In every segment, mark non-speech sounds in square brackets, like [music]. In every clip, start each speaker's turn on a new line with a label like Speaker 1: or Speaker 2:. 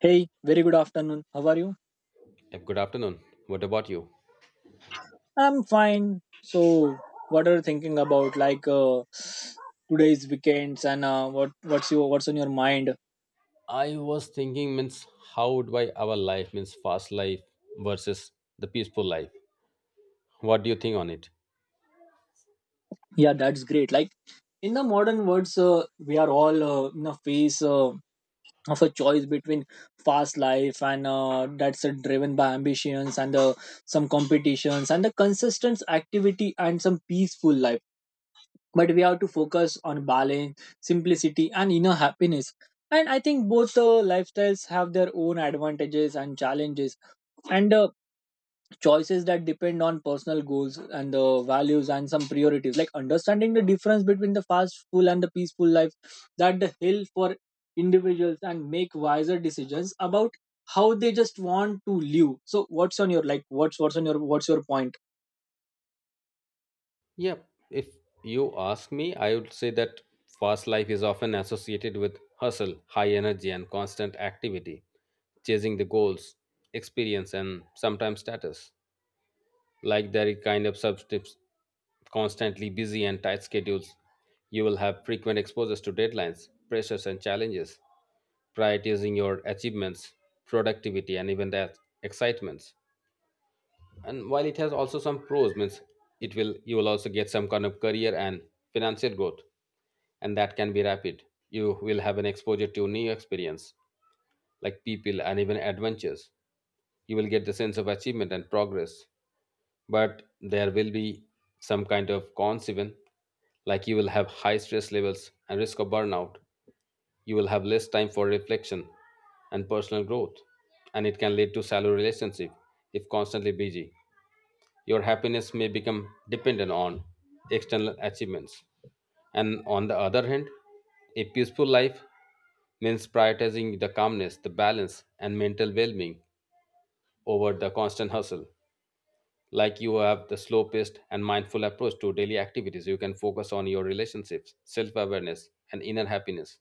Speaker 1: Hey, very good afternoon. How are you?
Speaker 2: Yep, good afternoon. What about you?
Speaker 1: I'm fine. So, what are you thinking about? Today's weekends and what's on your mind?
Speaker 2: I was thinking means how do I our life means fast life versus the peaceful life. What do you think on it?
Speaker 1: Yeah, that's great. Like in the modern words, we are all in a phase of a choice between fast life and that's driven by ambitions and some competitions and the consistent activity and some peaceful life, but we have to focus on balance, simplicity, and inner happiness. And I think both lifestyles have their own advantages and challenges, and choices that depend on personal goals and the values and some priorities. Like understanding the difference between the fast, full, and the peaceful life that the hill for individuals and make wiser decisions about how they just want to live. So, what's on your like? What's your point?
Speaker 2: Yeah, if you ask me, I would say that fast life is often associated with hustle, high energy and constant activity, chasing the goals, experience and sometimes status. Like there is kind of substips constantly busy and tight schedules. You will have frequent exposures to deadlines, pressures and challenges prioritizing your achievements, productivity, and even the excitements. And while it has also some pros, means it will you will also get some kind of career and financial growth, and that can be rapid. You will have an exposure to new experience, like people and even adventures. You will get the sense of achievement and progress, but there will be some kind of cons even, like you will have high stress levels and risk of burnout. You will have less time for reflection and personal growth, and it can lead to shallow relationship if constantly busy. Your happiness may become dependent on external achievements. And on the other hand, a peaceful life means prioritizing the calmness, the balance, and mental well being over the constant hustle. Like you have the slow paced and mindful approach to daily activities, you can focus on your relationships, self awareness, and inner happiness.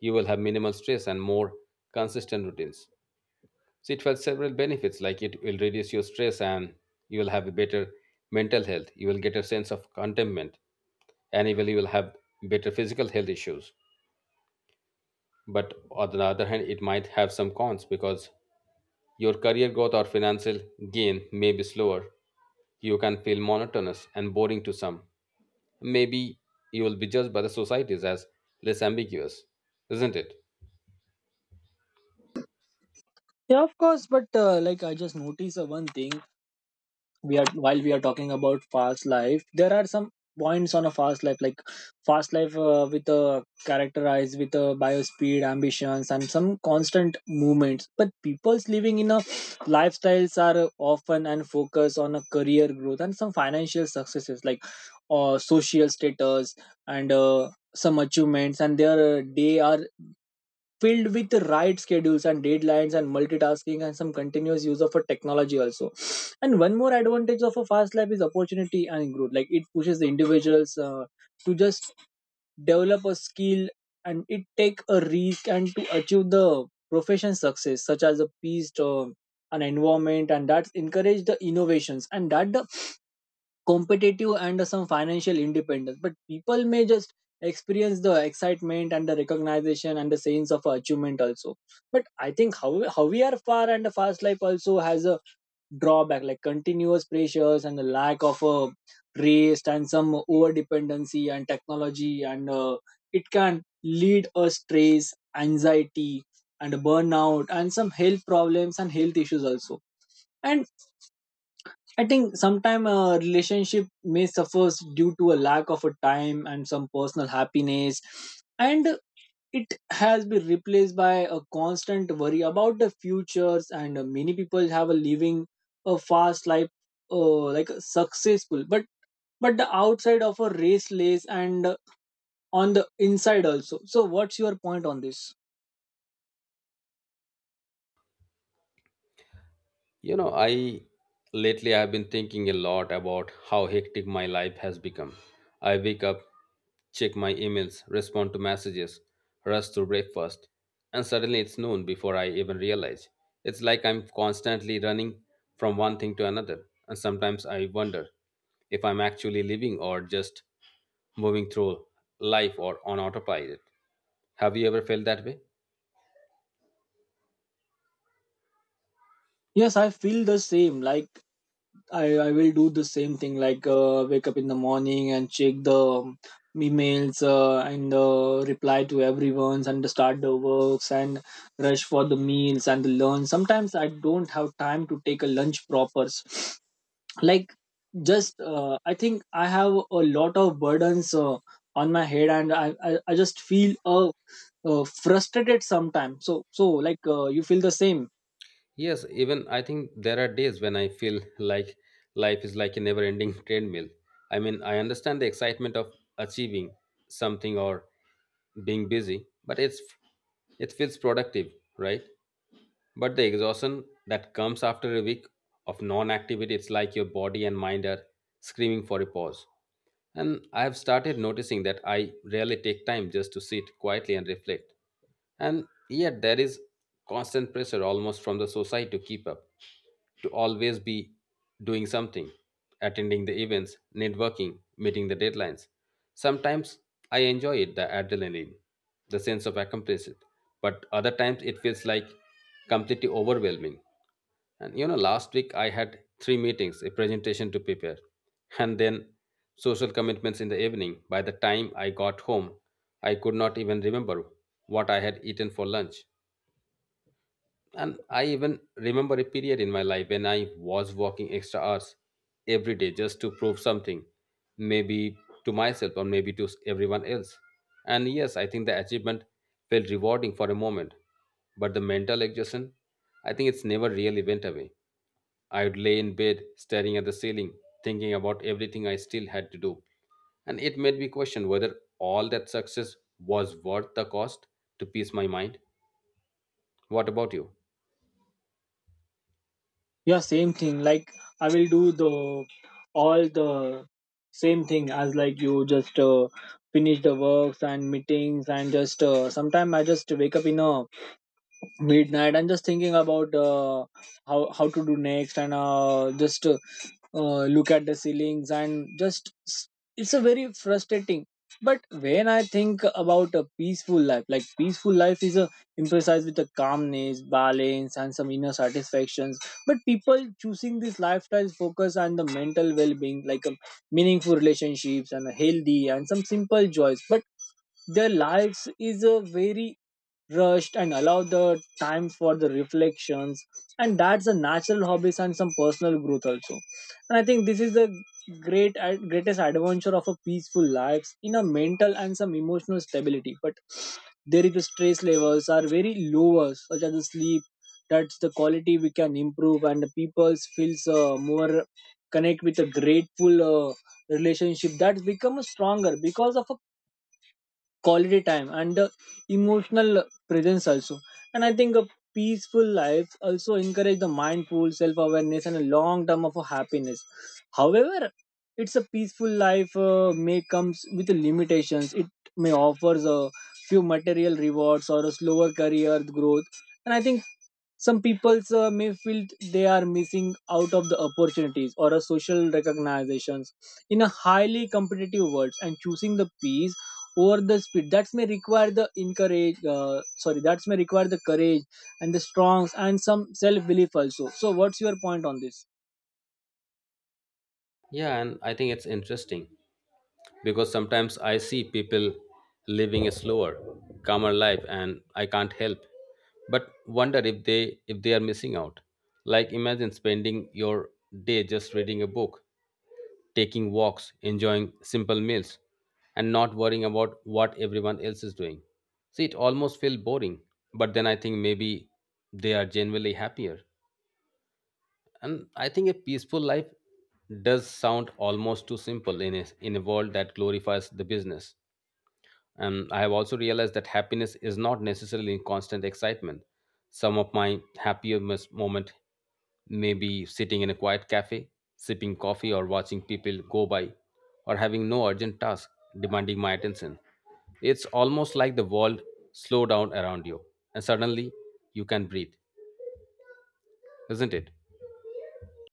Speaker 2: You will have minimal stress and more consistent routines. So it has several benefits, like it will reduce your stress and you will have a better mental health. You will get a sense of contentment and even you will have better physical health issues. But on the other hand, it might have some cons because your career growth or financial gain may be slower. You can feel monotonous and boring to some. Maybe you will be judged by the societies as less ambiguous, isn't it?
Speaker 1: Yeah, of course. But like, I just noticed one thing. We are while we are talking about fast life, there are some points on a fast life. Like fast life with a characterized with a bio speed ambitions and some constant movements, but people's living in a lifestyles are often and focus on a career growth and some financial successes, like social status and some achievements, and their day are filled with the right schedules and deadlines and multitasking and some continuous use of a technology also. And one more advantage of a fast life is opportunity and growth, like it pushes the individuals to just develop a skill and it take a risk and to achieve the profession success, such as a peace an environment, and that encourage the innovations and that the competitive and some financial independence, but people may just experience the excitement and the recognition and the sense of achievement also. But I think how we are far, and the fast life also has a drawback, like continuous pressures and the lack of a rest and some over dependency and technology, and it can lead a stress, anxiety and burnout and some health problems and health issues also. And I think sometimes a relationship may suffer due to a lack of a time and some personal happiness, and it has been replaced by a constant worry about the futures. And many people have a living a fast life, like a successful, but the outside of a raceless and on the inside also. So, what's your point on this?
Speaker 2: You know, I lately I've been thinking a lot about how hectic my life has become. I wake up, check my emails, respond to messages, rush to breakfast, and suddenly it's noon before I even realize. It's like I'm constantly running from one thing to another, and sometimes I wonder if I'm actually living or just moving through life or on autopilot. Have you ever felt that way?
Speaker 1: Yes, I feel the same. Like I will do the same thing like wake up in the morning and check the emails and reply to everyone's and start the works and rush for the meals and the lunch. Sometimes I don't have time to take a lunch proper. [sniffs] Like just I think I have a lot of burdens on my head, and I just feel frustrated sometimes. So like you feel the same?
Speaker 2: Yes, even I think there are days when I feel like life is like a never ending [laughs] treadmill. I mean, I understand the excitement of achieving something or being busy, but it feels productive, right? But the exhaustion that comes after a week of non-activity, it's like your body and mind are screaming for a pause. And I have started noticing that I rarely take time just to sit quietly and reflect. And yet, there is constant pressure almost from the society to keep up, to always be doing something, attending the events, networking, meeting the deadlines. Sometimes I enjoy it, the adrenaline, the sense of accomplishment, but other times it feels like completely overwhelming. And you know, last week I had three meetings, a presentation to prepare, and then social commitments in the evening. By the time I got home, I could not even remember what I had eaten for lunch. And I even remember a period in my life when I was working extra hours every day just to prove something, maybe to myself or maybe to everyone else. And yes, I think the achievement felt rewarding for a moment, but the mental exhaustion, I think it's never really went away. I would lay in bed staring at the ceiling, thinking about everything I still had to do. And it made me question whether all that success was worth the cost to peace my mind. What about you?
Speaker 1: Yeah, same thing. Like I will do the all the same thing as like you. Just finish the works and meetings, and just sometime I just wake up in a midnight and just thinking about how to do next, and just look at the ceilings and it's a very frustrating. But when I think about a peaceful life, like peaceful life is a emphasized with a calmness, balance and some inner satisfactions, but people choosing this lifestyle focus on the mental well-being, like meaningful relationships and a healthy and some simple joys, but their lives is a very rushed and allow the time for the reflections and that's a natural hobbies and some personal growth also. And I think this is the greatest adventure of a peaceful lives in a mental and some emotional stability, but there is the stress levels are very lower, such as the sleep that's the quality we can improve, and the people feels more connect with a grateful uh, relationship that become stronger because of a quality time and the emotional presence also. And I think a peaceful life also encourage the mindful self-awareness and a long term of a happiness. However, it's a peaceful life may comes with limitations. It may offers a few material rewards or a slower career growth, and I think some people may feel they are missing out of the opportunities or a social recognitions in a highly competitive world, and choosing the peace over the speed that may require the courage and the strongs and some self belief also. So what's your point on this?
Speaker 2: Yeah, and I think it's interesting because sometimes I see people living a slower, calmer life and I can't help but wonder if they are missing out. Like imagine spending your day just reading a book taking walks, enjoying simple meals, and not worrying about what everyone else is doing. See, it almost feels boring, but then I think maybe they are genuinely happier. And I think a peaceful life does sound almost too simple in a world that glorifies the business. And I have also realized that happiness is not necessarily constant excitement. Some of my happiest moment may be sitting in a quiet cafe, sipping coffee, or watching people go by, or having no urgent task demanding my attention. It's almost like the world slow down around you, and suddenly you can breathe, isn't it?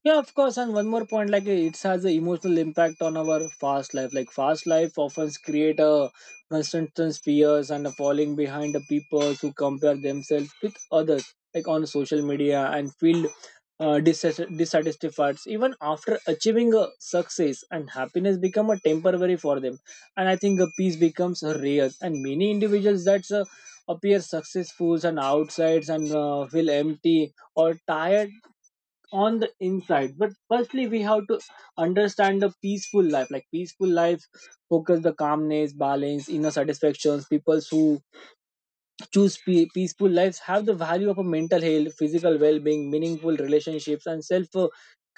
Speaker 1: Yeah, of course. And one more point, like it has an emotional impact on our fast life. Like fast life often create a constant fears and a falling behind the people who compare themselves with others, like on social media, and feel dissatisfied. Even after achieving a success and happiness become a temporary for them. And I think a peace becomes a rare. And many individuals that's appear successful and outsides and feel empty or tired on the inside, but firstly we have to understand the peaceful life. Like peaceful life focus the calmness, balance, inner satisfactions. People who choose peaceful lives have the value of a mental health, physical well-being, meaningful relationships and self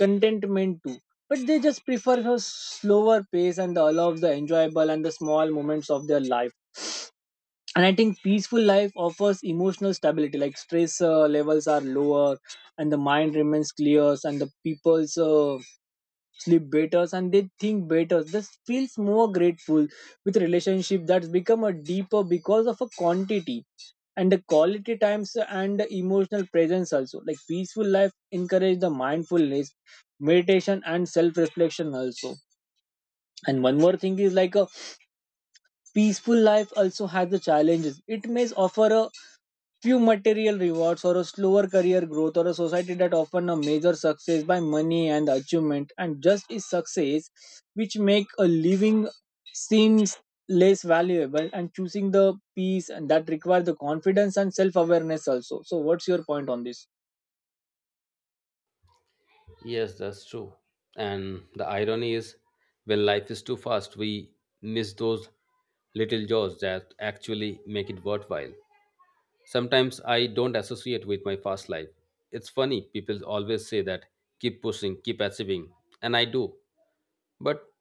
Speaker 1: contentment too, but they just prefer a slower pace and allows the enjoyable and the small moments of their life. And I think peaceful life offers emotional stability, like stress levels are lower and the mind remains clear, and the people's sleep better and they think better. This feels more grateful with relationship that's become a deeper because of a quantity and the quality times and the emotional presence also. Like peaceful life encourage the mindfulness, meditation and self reflection also. And one more thing is like a peaceful life also has the challenges. It may offer a few material rewards or a slower career growth, or a society that often a major success by money and achievement and just is success, which make a living seems less valuable, and choosing the peace and that requires the confidence and self-awareness also. So what's your point on this?
Speaker 2: Yes, that's true. And the irony is, when life is too fast, we miss those little joys that actually make it worthwhile. Sometimes I don't associate with my fast life. It's funny, people always say that keep pushing, keep achieving, and I do. But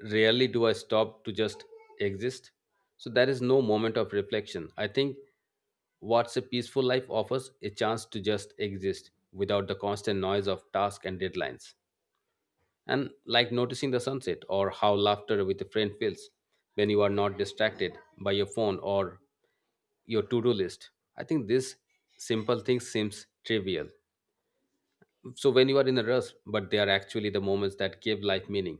Speaker 2: rarely do I stop to just exist. So there is no moment of reflection. I think what's a peaceful life offers a chance to just exist without the constant noise of tasks and deadlines and like noticing the sunset or how laughter with a friend feels when you are not distracted by your phone or your to-do list. I think this simple thing seems trivial so when you are in a rush but they are actually the moments that give life meaning.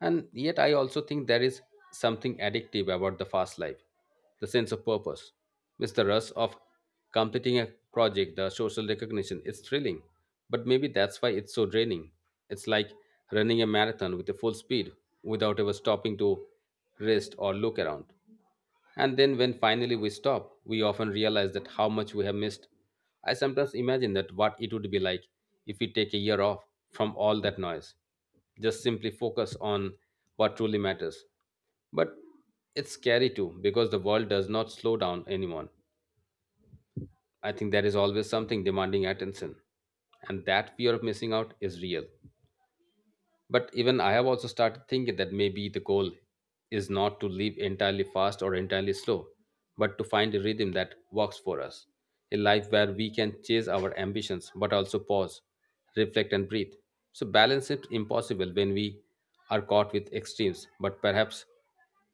Speaker 2: And yet, I also think there is something addictive about the fast life, the sense of purpose. It's the rush of completing a project, the social recognition. It's thrilling, but maybe that's why it's so draining. It's like running a marathon with a full speed without ever stopping to rest or look around. And then, when finally we stop, we often realize that how much we have missed. I sometimes imagine that what it would be like if we take a year off from all that noise, just simply focus on what truly matters. But it's scary too, because the world does not slow down anyone. I think there is always something demanding attention, and that fear of missing out is real. But even I have also started thinking that maybe the goal is not to live entirely fast or entirely slow, but to find a rhythm that works for us. A life where we can chase our ambitions, but also pause, reflect, and breathe. So, balance is impossible when we are caught with extremes, but perhaps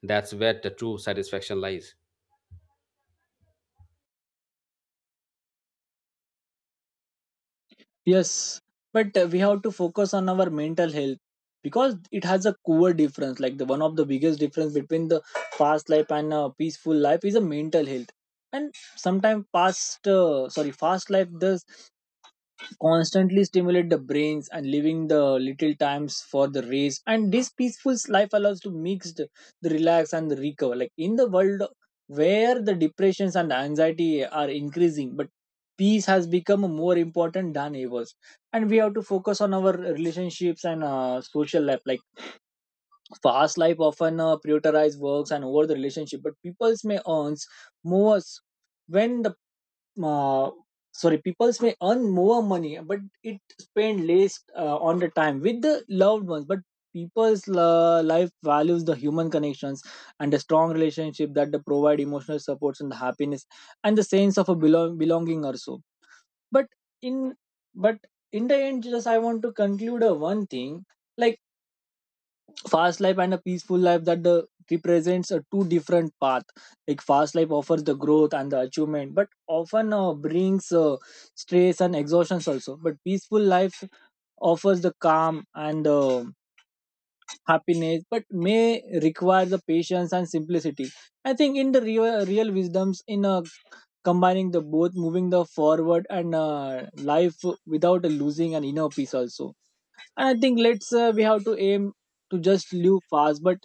Speaker 2: that's where the true satisfaction lies.
Speaker 1: Yes, but we have to focus on our mental health because it has a core difference. Like the one of the biggest difference between the fast life and a peaceful life is a mental health. And sometimes fast life, the constantly stimulate the brains and leaving the little times for the race, and this peaceful life allows to mix the relax and the recover, like in the world where the depressions and anxiety are increasing, but peace has become more important than ever. And we have to focus on our relationships and social life. Like fast life often prioritize works and over the relationship, but people's may earns more when the uh, sorry peoples may earn more money, but it spend less on the time with the loved ones. But people's life values the human connections and the strong relationship that they provide emotional supports and the happiness and the sense of a belonging also. But in but in the end, just I want to conclude one thing. Like fast life and a peaceful life that the represents a two different path. Like fast life offers the growth and the achievement, but often brings stress and exhaustions also. But peaceful life offers the calm and happiness, but may require the patience and simplicity. I think in the real wisdoms in combining the both, moving the forward and life without losing an inner peace also. And I think let's we have to aim to just live fast but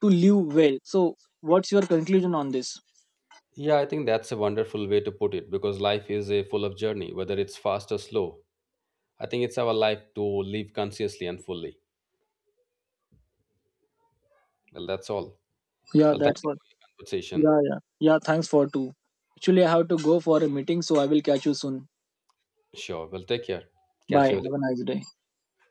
Speaker 1: to live well. So, what's your conclusion on this?
Speaker 2: Yeah, I think that's a wonderful way to put it because life is a full of journey, whether it's fast or slow. I think it's our life to live consciously and fully. Well, that's all.
Speaker 1: Yeah,
Speaker 2: Well, thank
Speaker 1: that's
Speaker 2: you
Speaker 1: what.
Speaker 2: for your conversation.
Speaker 1: Yeah, yeah, yeah. Thanks for two. Actually, I have to go for a meeting, so I will catch you soon.
Speaker 2: Sure. Well, take care. Catch
Speaker 1: Bye.
Speaker 2: you later.
Speaker 1: Have a nice day.